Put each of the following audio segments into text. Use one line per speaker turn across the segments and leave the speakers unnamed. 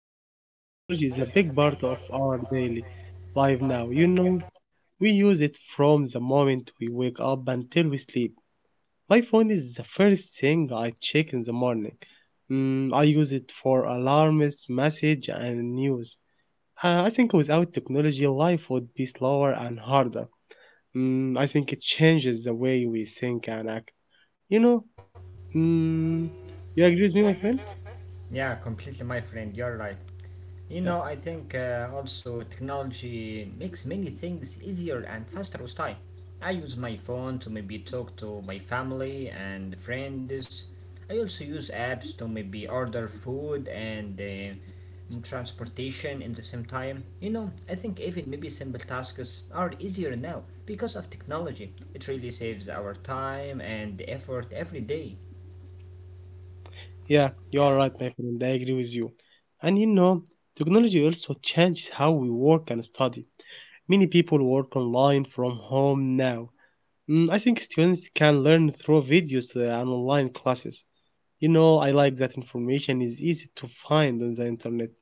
Ahmed, technology is a big part of our daily life now. You know, we use it from the moment we wake up until we sleep. My phone is the first thing I check in the morning. Mm, I use it for alarms, message, and news. I think without technology, life would be slower and harder. Mm, I think it changes the way we think and act. You know, mm, you agree with me, my friend?
Yeah, completely, my friend, you're right. You
Yeah.
know, I think also technology makes many things easier and faster with time. I use my phone to maybe talk to my family and friends. I also use apps to maybe order food and transportation in the same time. You know, I think even maybe simple tasks are easier now because of technology. It really saves our time and effort every day.
Yeah, you are right, my friend. I agree with you. And you know, technology also changes how we work and study. Many people work online from home now. Mm, I think students can learn through videos and online classes. You know, I like that information is easy to find on the internet.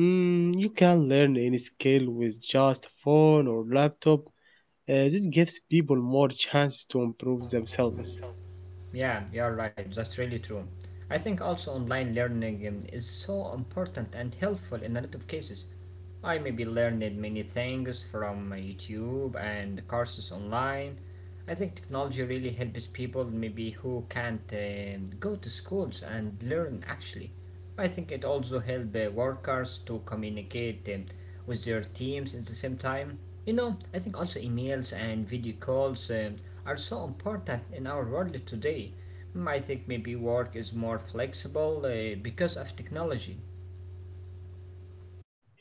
Mm, you can learn any skill with just a phone or laptop. This gives people more chance to improve themselves.
Yeah, you're right, that's really true. I think also online learning is so important and helpful in a lot of cases. I maybe learned many things from YouTube and courses online. I think technology really helps people maybe who can't go to schools and learn actually. I think it also helps workers to communicate with their teams at the same time. You know, I think also emails and video calls are so important in our world today. Mm, I think maybe work is more flexible because of technology.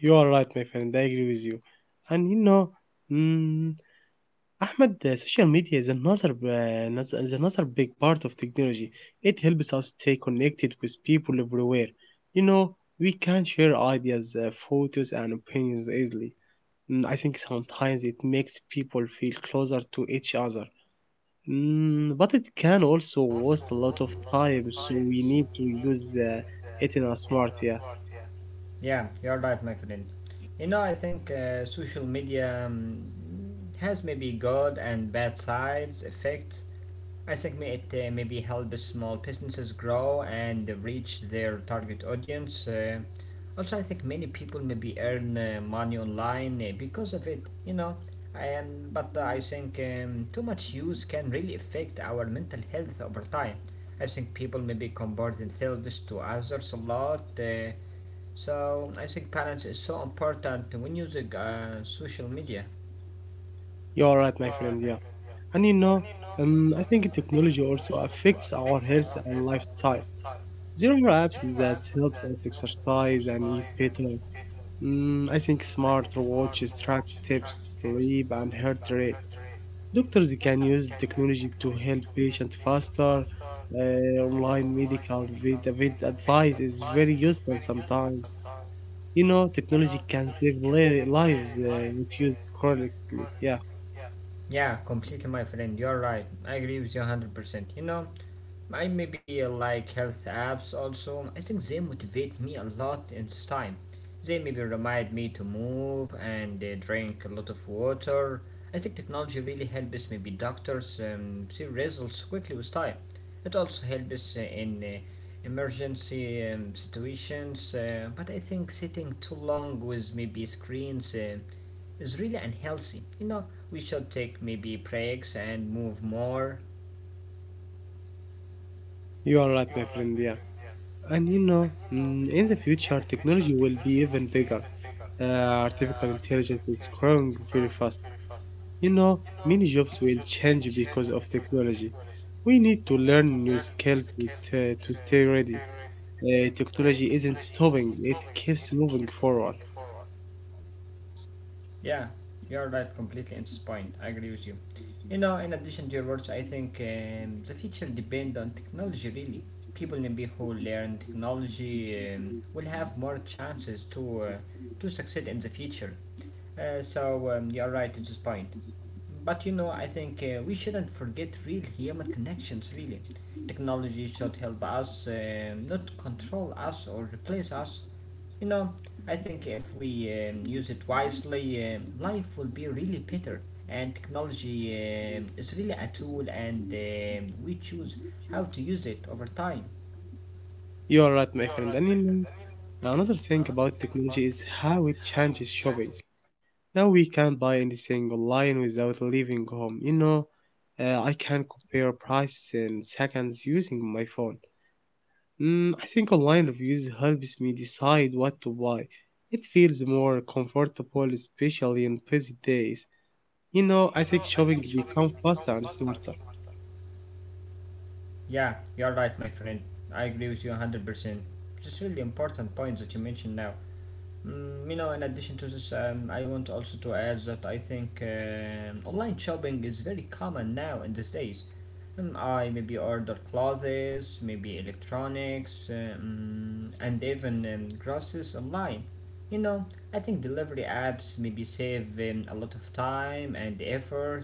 You are right, my friend. I agree with you. And you know, mm, Ahmed, social media is another big part of technology. It helps us stay connected with people everywhere. You know, we can share ideas, photos, and opinions easily. Mm, I think sometimes it makes people feel closer to each other. Mm, but it can also waste a lot of time, so we need to use it in a smart. Yeah,
Yeah, you're right, my friend. You know, I think social media has maybe good and bad sides, effects. I think may it maybe help small businesses grow and reach their target audience. Also, I think many people maybe earn money online because of it, you know. But I think too much use can really affect our mental health over time. I think people maybe compare themselves to others a lot. So I think balance is so important when using social media.
you're right, my friend. Yeah, and you know, I think technology also affects our health and lifestyle. There are apps that helps us exercise and eat better. Mm, I think smart watches track steps, sleep, and heart rate. Doctors can use technology to help patients faster. Online medical with advice is very useful sometimes. You know, technology can save lives if used correctly. Yeah,
Yeah, completely, my friend. You're right. I agree with you 100%. You know, I maybe like health apps also. I think they motivate me a lot in this time. They maybe remind me to move and drink a lot of water. I think technology really helps maybe doctors see results quickly with time. It also helps in emergency situations, but I think sitting too long with maybe screens is really unhealthy. You know, we should take maybe breaks and move more.
you are right, my friend. Yeah. And you know, mm, in the future, technology will be even bigger. Artificial intelligence is growing very fast. You know, many jobs will change because of technology. We need to learn new skills to stay ready. Technology isn't stopping, it keeps moving forward.
Yeah, you're right completely on this point. I agree with you. You know, in addition to your words, I think the future depends on technology really. People maybe who learn technology will have more chances to succeed in the future. So you're right at this point. But you know, I think we shouldn't forget real human connections, really. Technology should help us, not control us or replace us. You know, I think if we use it wisely, life will be really better. And technology is really a tool, and we choose how to use it over time.
You are right, my friend. And you another thing about technology is how it changes shopping. Now we can buy anything online without leaving home. You know, I can compare prices in seconds using my phone. Mm, I think online reviews helps me decide what to buy. It feels more comfortable, especially in busy days. You know, I think shopping become faster and smarter.
Yeah, you're right, my friend. I agree with you 100%. Just really important points that you mentioned now. Mm, you know, in addition to this, I want also to add that I think online shopping is very common now in these days. I maybe order clothes, maybe electronics, and even groceries online. You know, I think delivery apps maybe save a lot of time and effort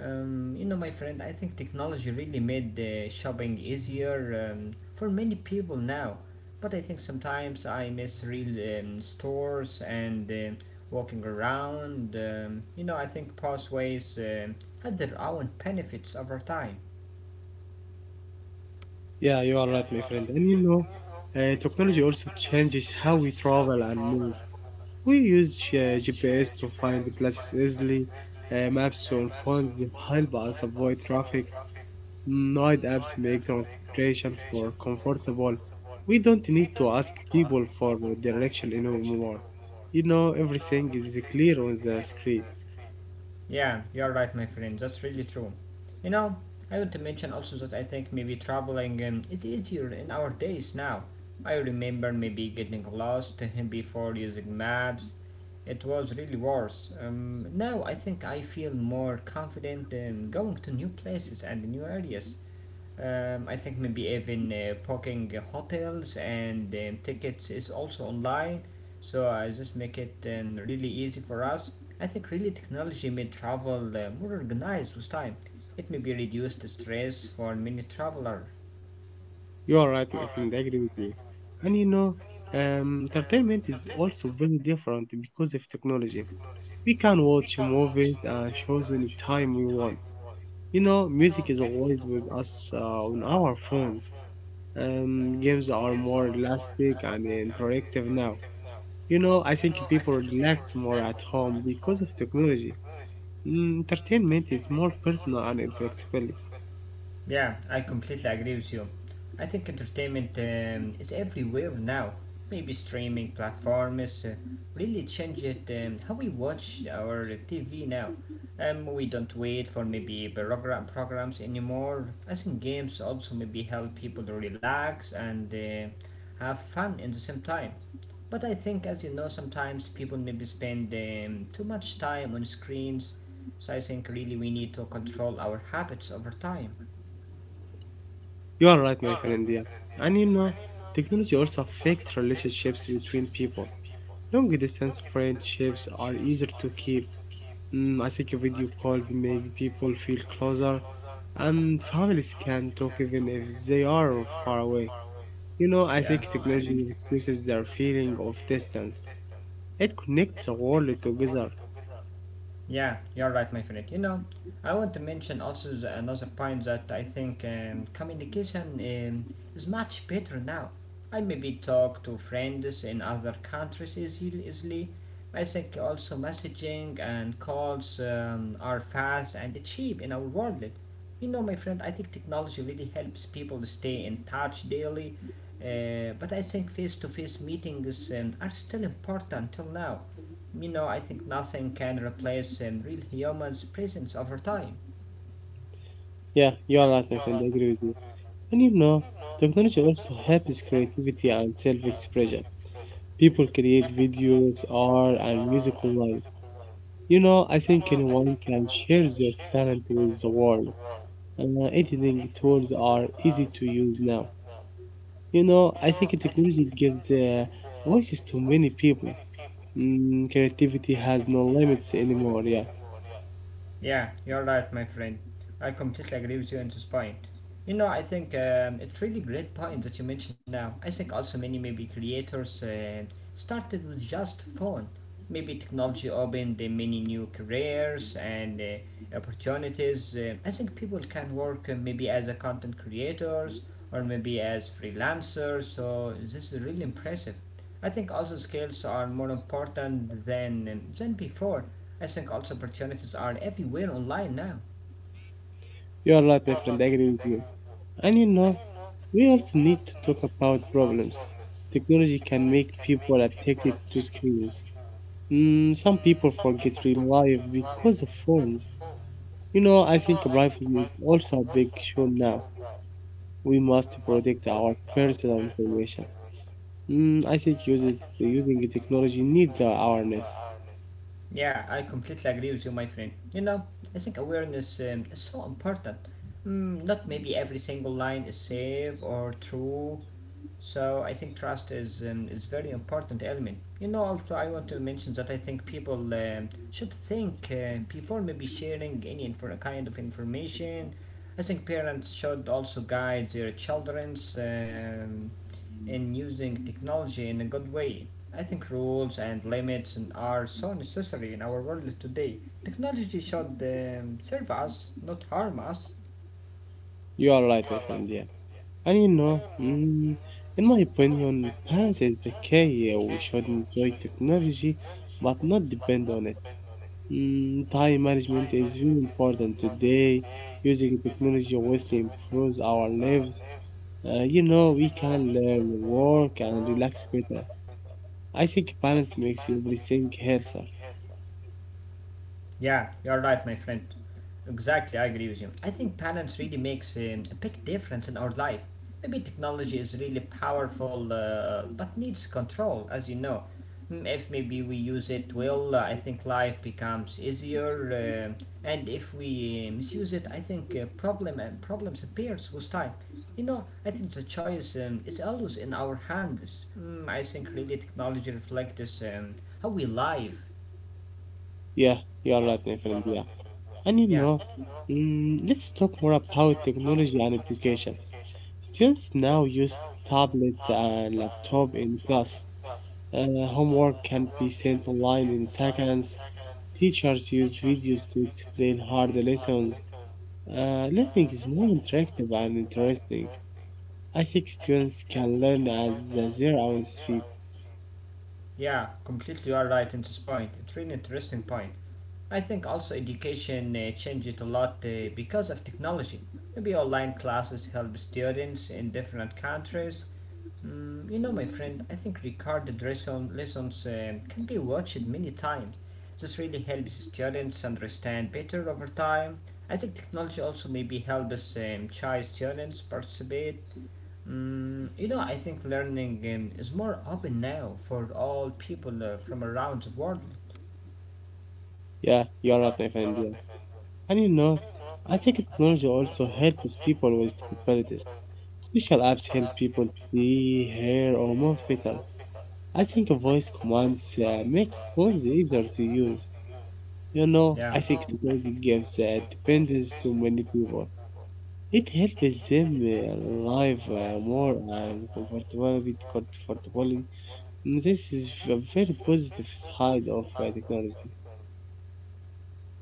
you know, my friend, I think technology really made shopping easier for many people now. But I think sometimes I miss real stores and walking around. You know, I think pathways had their own benefits over time.
Yeah, you are right, my friend. And you know, technology also changes how we travel and move. We use GPS to find the places easily. Maps on phones help us avoid traffic. Night apps make transportation more comfortable. We don't need to ask people for direction anymore. You know, everything is clear on the screen.
Yeah, you're right, my friend. That's really true. You know, I want to mention also that I think maybe traveling is easier in our days now. I remember maybe getting lost before using maps. It was really worse. Now I think I feel more confident going to new places and new areas. I think maybe even booking hotels and tickets is also online. So I just make it really easy for us. I think really technology made travel more organized with time. It may be reduced stress for many travelers.
You are right, my friend. I agree with you. And you know, entertainment is also very different because of technology. We can watch movies and shows any time we want. You know, music is always with us on our phones. Games are more elastic and interactive now. You know, I think people relax more at home because of technology. Mm, entertainment is more personal and flexible.
Yeah, I completely agree with you. I think entertainment is everywhere now. Maybe streaming platforms really change it how we watch our TV now. We don't wait for maybe programs anymore. I think games also maybe help people to relax and have fun in the same time. But I think, as you know, sometimes people maybe spend too much time on screens. So I think really we need to control our habits over time.
You are right, my friend. Yeah. And you know, technology also affects relationships between people. Long distance friendships are easier to keep. Mm, I think video calls make people feel closer, and families can talk even if they are far away. You know, I
Yeah.
think technology reduces their feeling of distance. It connects the world together.
Yeah, you're right, my friend. You know, I want to mention also another point that I think communication is much better now. I maybe talk to friends in other countries easily. I think also messaging and calls are fast and cheap in our world. Like, you know, my friend, I think technology really helps people stay in touch daily. But I think face to face meetings are still important till now. You know, I think nothing can replace the real human's presence over time.
Yeah, you are right, my friend. I agree with you. And you know, technology also helps creativity and self-expression. People create videos, art, and music online. You know, I think anyone can share their talent with the world. Editing tools are easy to use now. You know, I think technology gives voices to many people. Mm, creativity has no limits anymore. Yeah,
Yeah, you're right, my friend. I completely agree with you on this point. You know, I think it's really great point that you mentioned now. I think also many maybe creators started with just phone. Maybe technology opened many new careers and opportunities. I think people can work maybe as a content creators or maybe as freelancers. So this is really impressive. I think also skills are more important than before. I think also opportunities are everywhere online now.
you are right, my friend. I agree with you. And you know, we also need to talk about problems. Technology can make people addicted to screens. Mm, some people forget real life because of phones. You know, I think privacy is also a big issue now. We must protect our personal information. Mm, I think using the technology needs our awareness.
Yeah, I completely agree with you, my friend. You know, I think awareness is so important. Mm, not maybe every single line is safe or true. So I think trust is very important element. You know, also I want to mention that I think people should think before maybe sharing kind of information. I think parents should also guide their childrens in using technology in a good way. I think rules and limits and are so necessary in our world today. Technology should serve us, not harm us.
You are right, my friend. Yeah. And you know, mm, in my opinion, parents is the key. We should enjoy technology, but not depend on it. Mm, time management is very important today. Using technology obviously improves our lives. You know, we can learn, work, and relax better. I think balance makes everything healthier.
Yeah, you are right, my friend. Exactly, I agree with you. I think parents really makes a big difference in our life. Maybe technology is really powerful, but needs control, as you know. Mm, if maybe we use it well, I think life becomes easier, and if we misuse it, I think problems appears with time. You know, I think the choice is always in our hands. Mm, I think really technology reflects how we live.
Yeah, you are right, my friend. Yeah. And you
Yeah.
know, mm, let's talk more about technology and education. Students now use tablets and laptop in class. Homework can be sent online in seconds. Teachers use videos to explain hard lessons. Learning is more interactive and interesting. I think students can learn at their own speed.
Yeah, completely all right in this point. It's really interesting point. I think also education changed it a lot because of technology. Maybe online classes help students in different countries. Mm, you know, my friend, I think recorded lessons can be watched many times. This really helps students understand better over time. I think technology also maybe helps shy students participate. Mm, you know, I think learning is more open now for all people from around the world.
Yeah, you're right, my friend. Yeah. And you know, I think technology also helps people with disabilities. Special apps help people see, hear, or move better. I think voice commands make phones easier to use. You know,
Yeah.
I think technology gives dependence to many people. It helps them live more and comfortable with comfortably. This is a very positive side of technology.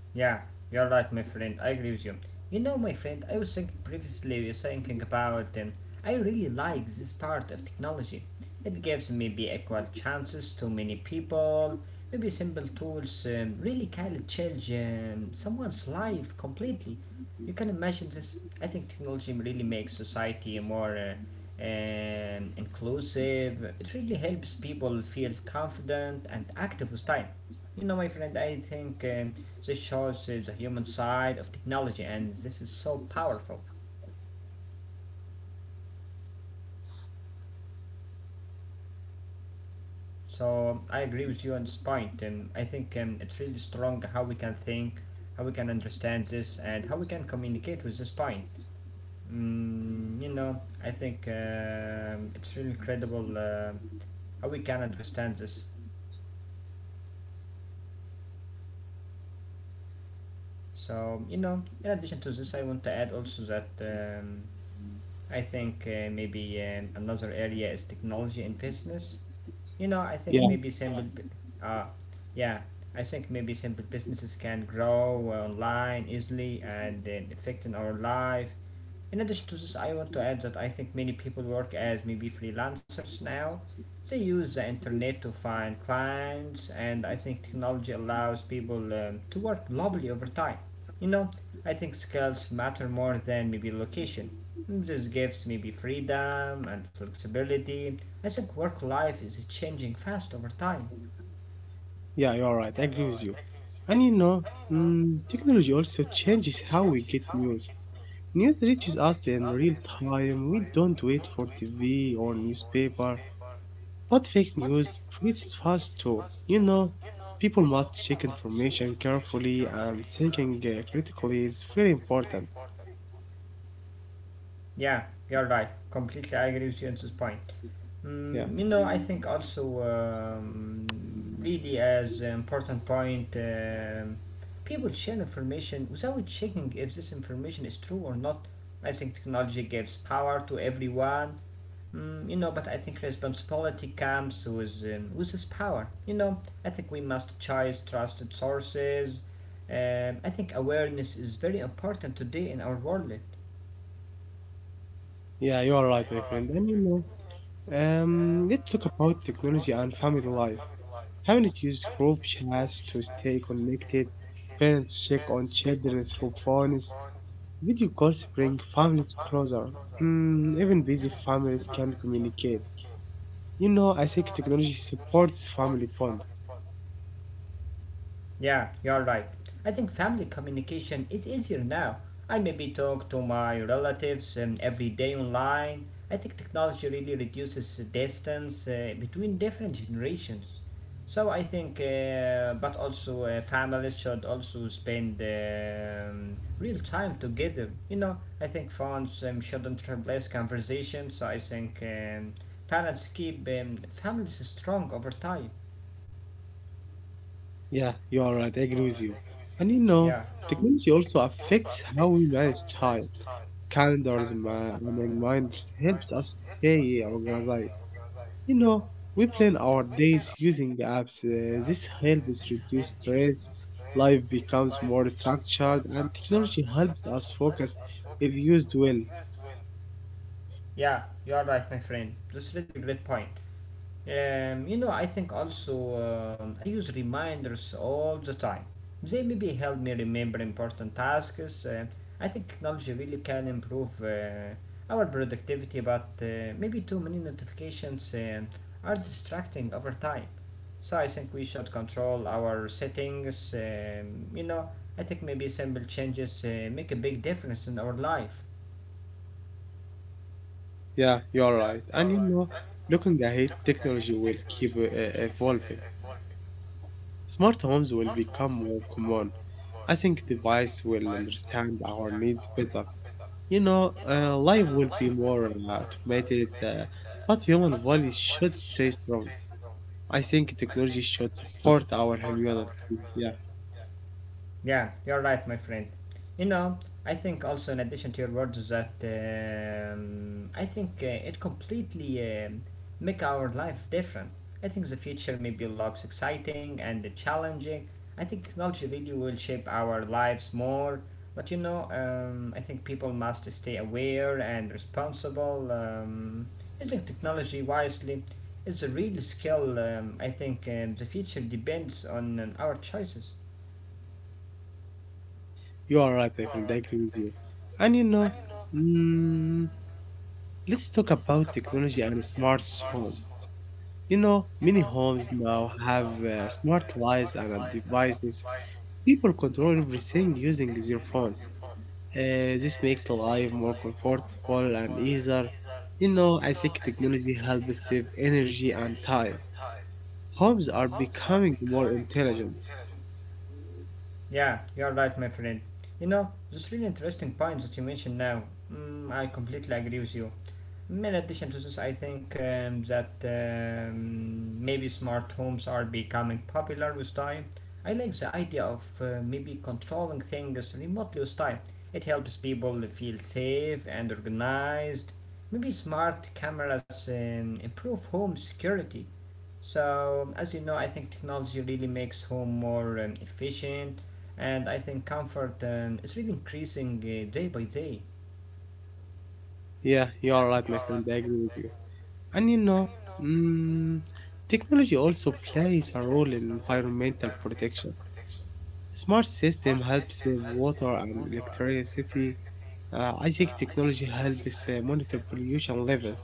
Yeah, you're right, my friend. I agree with you. You know, my friend, I was thinking previously, we're thinking about, I really like this part of technology. It gives maybe equal chances to many people. Maybe simple tools really can change someone's life completely. You can imagine this. I think technology really makes society more inclusive. It really helps people feel confident and active with time. You know, my friend, I think this shows the human side of technology, and this is so powerful. So I agree with you at this point. And I think it's really strong how we can think, how we can understand this, and how we can communicate with this point. Mm, you know, I think it's really incredible how we can understand this. So you know, in addition to this, I want to add also that. I think maybe another area is technology in business. You know, I think
Yeah,
uh, yeah, I think maybe simple businesses can grow online easily and affecting our life. In addition to this, I want to add that I think many people work as maybe freelancers now. They use the internet to find clients, and I think technology allows people to work globally over time. You know, I think skills matter more than maybe location. This gives maybe freedom and flexibility. I think work life is changing fast over time.
yeah, you're right. I agree with you. And you know, mm, technology also changes how we get news. News reaches us in real time. We don't wait for TV or newspaper. But fake news spreads fast too. You know, people must check information carefully and thinking critically is very important.
Yeah, you're right. Completely I agree with you on this point.
Yeah,
Mm, you know, I think also really as an important point, people share information without checking if this information is true or not. I think technology gives power to everyone. But I think responsibility comes with this power. You know, I think we must choose trusted sources. I think awareness is very important today in our world.
yeah, you are right, my friend. And you know, let's talk about technology and family life. Families use group chats to stay connected. Parents check on children through phones. Video calls bring families closer. Mm, even busy families can communicate. You know, I think technology supports family bonds.
Yeah, you're right. I think family communication is easier now. I maybe talk to my relatives every day online. I think technology really reduces the distance between different generations. So I think, but also families should also spend real time together. You know, I think phones shouldn't replace conversations. So I think parents keep families strong over time.
Yeah, you are right. I agree with you. And you know,
Yeah.
technology also affects how we manage time. Calendars and reminders helps us stay organized. You know, we plan our days using the apps. This helps reduce stress. Life becomes more structured, and technology helps us focus if used well.
Yeah, you are right, my friend. That's really great point. You know, I think also I use reminders all the time. They maybe help me remember important tasks. I think technology really can improve our productivity, but maybe too many notifications are distracting over time. So I think we should control our settings. You know, I think maybe simple changes make a big difference in our life.
Yeah, you're right. And you know, looking ahead, technology will keep evolving. Smart homes will become more common. I think device will understand our needs better. You know, life will be more automated, but human values should stay strong. I think technology should support our humanity. Yeah,
Yeah, you're right, my friend. You know, I think also in addition to your words that I think it completely make our life different. I think the future maybe looks exciting and challenging. I think technology really will shape our lives more. But I think people must stay aware and responsible. Using technology wisely is a real skill. I think the future depends on our choices.
you are right, my friend. I agree with you. And you know, mm, let's talk about technology and smart home. You know, many homes now have smart lights and devices. People control everything using their phones. This makes life more comfortable and easier. You know, I think technology helps save energy and time. Homes are becoming more intelligent.
Yeah, you're right, my friend. You know, this really interesting point that you mentioned now. Mm, I completely agree with you. In addition to this, I think that maybe smart homes are becoming popular with time. I like the idea of maybe controlling things remotely with time. It helps people feel safe and organized. Maybe smart cameras improve home security. So, as you know, I think technology really makes home more efficient, and I think comfort is really increasing day by day.
Yeah, you're right, my friend. I agree with you. And you know, mm, technology also plays a role in environmental protection. Smart system help save water and electricity. I think technology helps monitor pollution levels.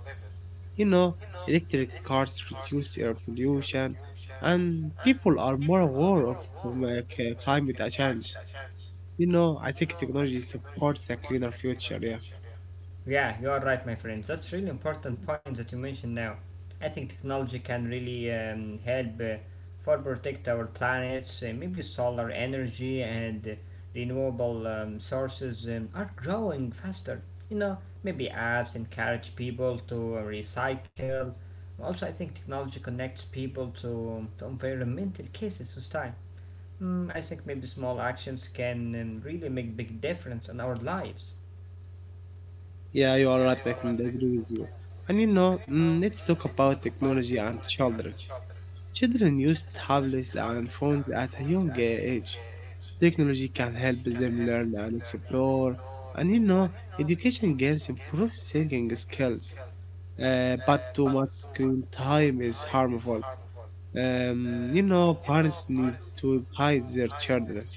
You know, electric cars reduce air pollution, and people are more aware of climate change. You know, I think technology supports a cleaner future. Yeah.
Yeah, you are right, my friend. That's really important point that you mentioned now. I think technology can really help for protect our planets. Maybe solar energy and renewable sources are growing faster. You know, maybe apps encourage people to recycle. Also, I think technology connects people to environmental cases with time. Mm, I think maybe small actions can really make big difference on our lives.
Yeah, you are right, my friend. I agree with you. And you know, mm, let's talk about technology and children. Children use tablets and phones at a young age. Technology can help them learn and explore. And you know, education games improve thinking skills. But too much screen time is harmful. You know, parents need to guide their children.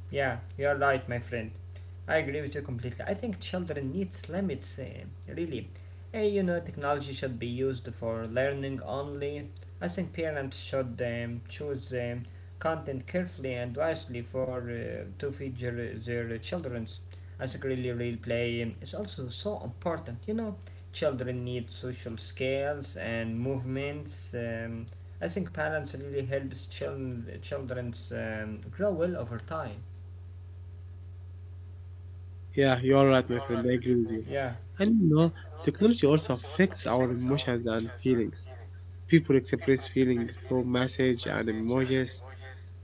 Yeah, you are right, my friend. I agree with you completely. I think children needs limits, really. You know, technology should be used for learning only. I think parents should choose content carefully and wisely for to feed your, their children's. I think really, real play is also so important. You know, children need social skills and movements. I think parents really helps children's grow well over time.
Yeah, you are right, my friend. I agree with you. And you know, technology also affects our emotions and feelings. People express feelings through messages and emojis.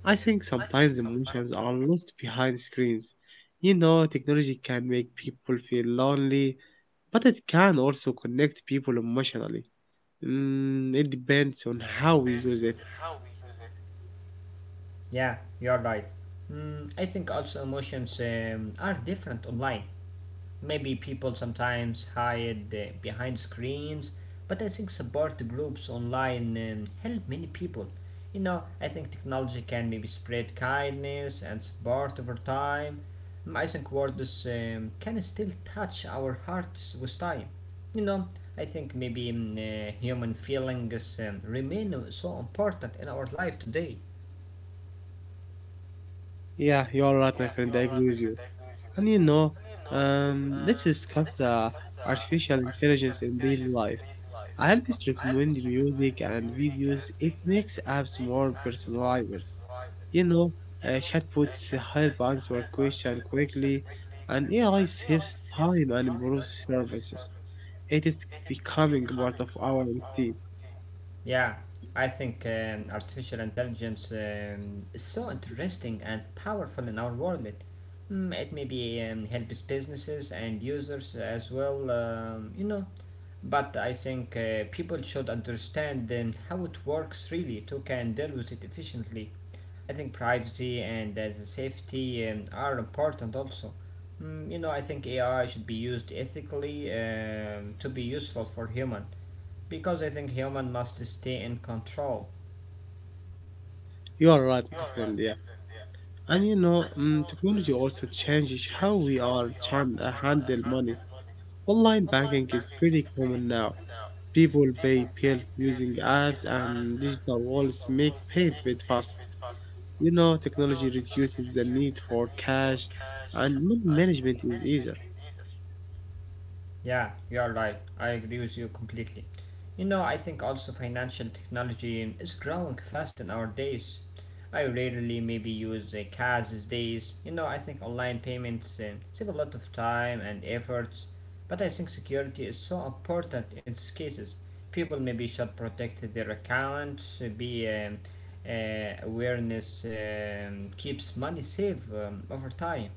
I think sometimes emotions are lost behind screens. You know, technology can make people feel lonely, but it can also connect people emotionally. Mm, it depends on how we use it.
Yeah, you're right. Mm, I think also emotions are different online. Maybe people sometimes hide behind screens, but I think support groups online help many people. You know, I think technology can maybe spread kindness and support over time. Mm, I think words can still touch our hearts with time. You know, I think maybe mm, human feelings remain so important in our life today.
Yeah, you're right, my friend. I agree with you. And you know, let's discuss artificial intelligence in daily life. I always recommend music and videos. It makes apps more personalized. You know, chatbots help answer questions quickly, and AI saves time and improves services. It is becoming part of our routine.
Yeah, I think artificial intelligence is so interesting and powerful in our world. Mm, it maybe helps businesses and users as well, you know. But I think people should understand then how it works really to can deal with it efficiently. I think privacy and the safety are important also. Mm, you know, I think AI should be used ethically to be useful for human. Because I think human must stay in control.
You are right, my friend. Yeah, and you know, mm, technology also changes how we are trying to handle money. Online banking is pretty common now. People pay bills using apps and digital wallets make payment with fast. You know, technology reduces the need for cash and money management is easier.
Yeah, you're right. I agree with you completely. You know, I think also financial technology is growing fast in our days. I rarely maybe use the cash these days. You know, I think online payments save a lot of time and efforts. But I think security is so important in these cases. People maybe should protect their accounts, be awareness keeps money safe over time.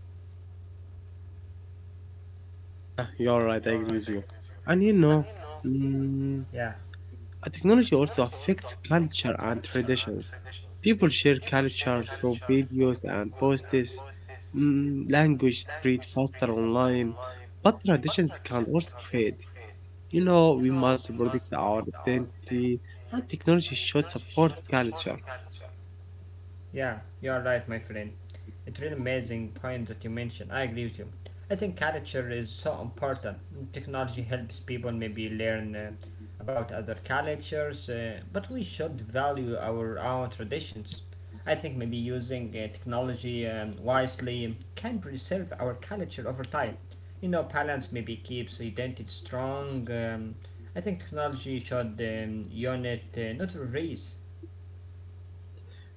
Yeah, you're right. I agree with you. And you know, mm, technology also affects culture and traditions. People share culture through videos and posts. Mm, language spread faster online, but traditions can also fade. You know, we must protect our identity, and technology should support culture.
Yeah, you're right, my friend. It's really amazing point that you mentioned. I agree with you. I think culture is so important. Technology helps people maybe learn about other cultures, but we should value our own traditions. I think maybe using technology wisely can preserve our culture over time. You know, balance maybe keeps identity strong. I think technology should not erase.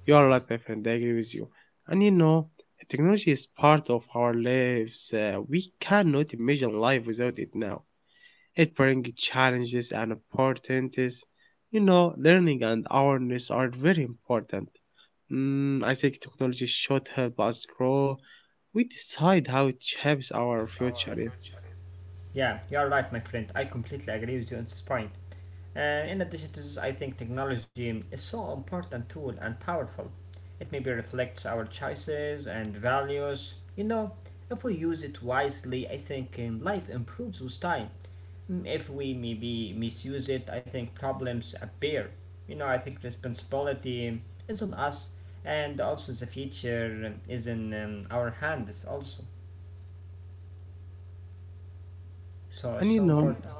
You are right, my friend. I agree with you. And you know, technology is part of our lives. We cannot imagine life without it now. It brings challenges and opportunities. You know, learning and awareness are very important. Mm, I think technology should help us grow. We decide how it shapes our future. Yeah,
Yeah, you are right, my friend. I completely agree with you on this point. In addition to this, I think technology is so important tool and powerful. It maybe reflects our choices and values. You know, if we use it wisely, I think life improves with time. Mm, if we maybe misuse it, I think problems appear. You know, I think responsibility is on us, and also the future is in our hands also.
yeah, you're right. Yeah,
So
and you
it's so
know,
important.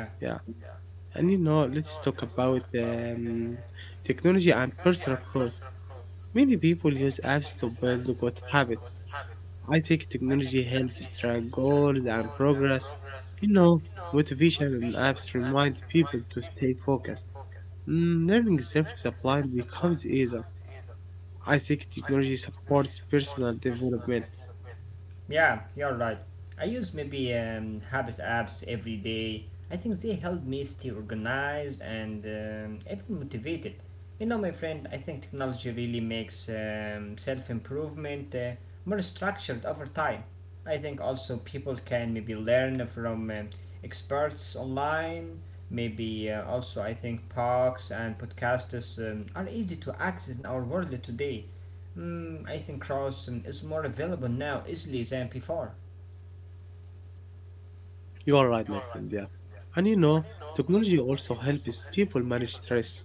Yeah.
yeah, and you know, let's talk about technology and personal growth. Many people use apps to build good habits, I think technology helps track goals and progress. You know, motivation and apps remind people to stay focused. Mm, learning self-discipline becomes easier. I think technology supports personal development.
Yeah, you're right. I use maybe habit apps every day. I think they help me stay organized and even motivated. You know, my friend, I think technology really makes self improvement more structured over time. I think also people can maybe learn from experts online. Maybe also, I think podcasts and podcasters are easy to access in our world today. Hmm, I think Charleston is more available now easily than before.
You are right, my friend. Yeah, and you know, technology also helps people manage stress.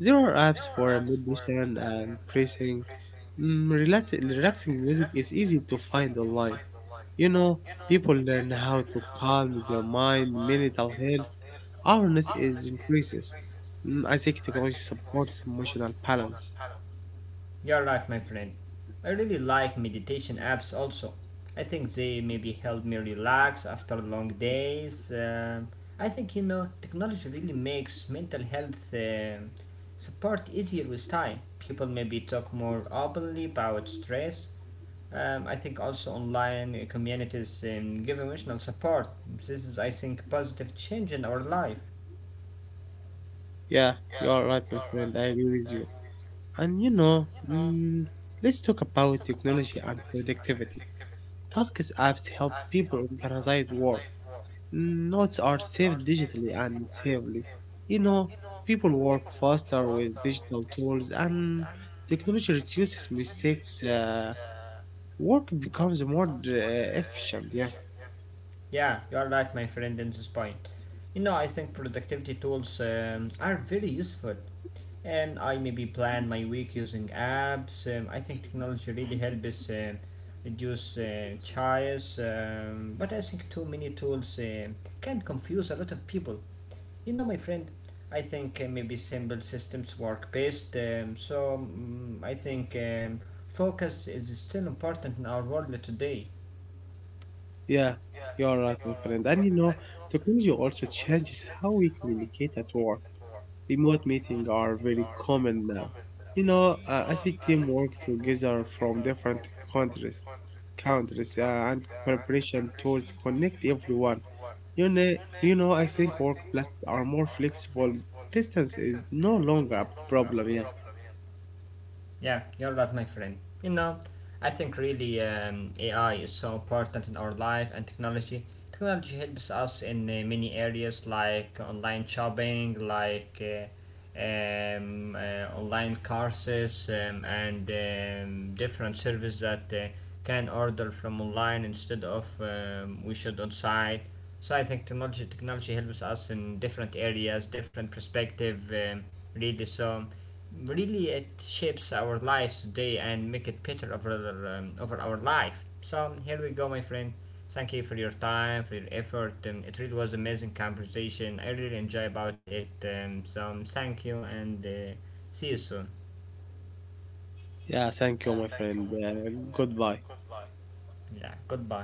There are apps for meditation and breathing. Mm, relaxing music is easy to find online. You know, people learn how to calm their mind. Mental health awareness is increases. Mm, I think technology supports emotional balance.
You're right, my friend. I really like meditation apps also. I think they maybe help me relax after long days. I think you know technology really makes mental health support easier with time. People maybe talk more openly about stress. I think also online communities give emotional support. This is, I think, positive change in our life.
Yeah, you are right, my friend. I agree with you. And you know, mm, let's talk about technology and productivity. Tasks apps help people organize work. Mm, notes are saved digitally and safely. You know, people work faster with digital tools, and technology reduces mistakes. Work becomes more efficient. Yeah,
Yeah, you are right, my friend, in this point. You know, I think productivity tools are very useful, and I maybe plan my week using apps. I think technology really helps us reduce choice, but I think too many tools can confuse a lot of people. You know, my friend, I think maybe simple systems work best. So mm I think focus is still important in our world today.
yeah, you're right, my friend. And you know, technology also changes how we communicate at work. Remote meetings are very common now. You know, I think teamwork together from different countries, countries, and preparation tools connect everyone. You know, you know, I think workplaces are more flexible. Distance is no longer a problem. Yeah,
Yeah, you're right, my friend. You know, I think really AI is so important in our life and technology. Technology helps us in many areas like online shopping, like online courses, and different services that can order from online instead of we should on site. So I think technology helps us in different areas, different perspective, really. So really it shapes our lives today and make it better over, over our life. So here we go, my friend, thank you for your time, for your effort. It really was amazing conversation. I really enjoy about it. So thank you, and see you soon.
yeah. Thank you, my friend. Goodbye.
Yeah, goodbye.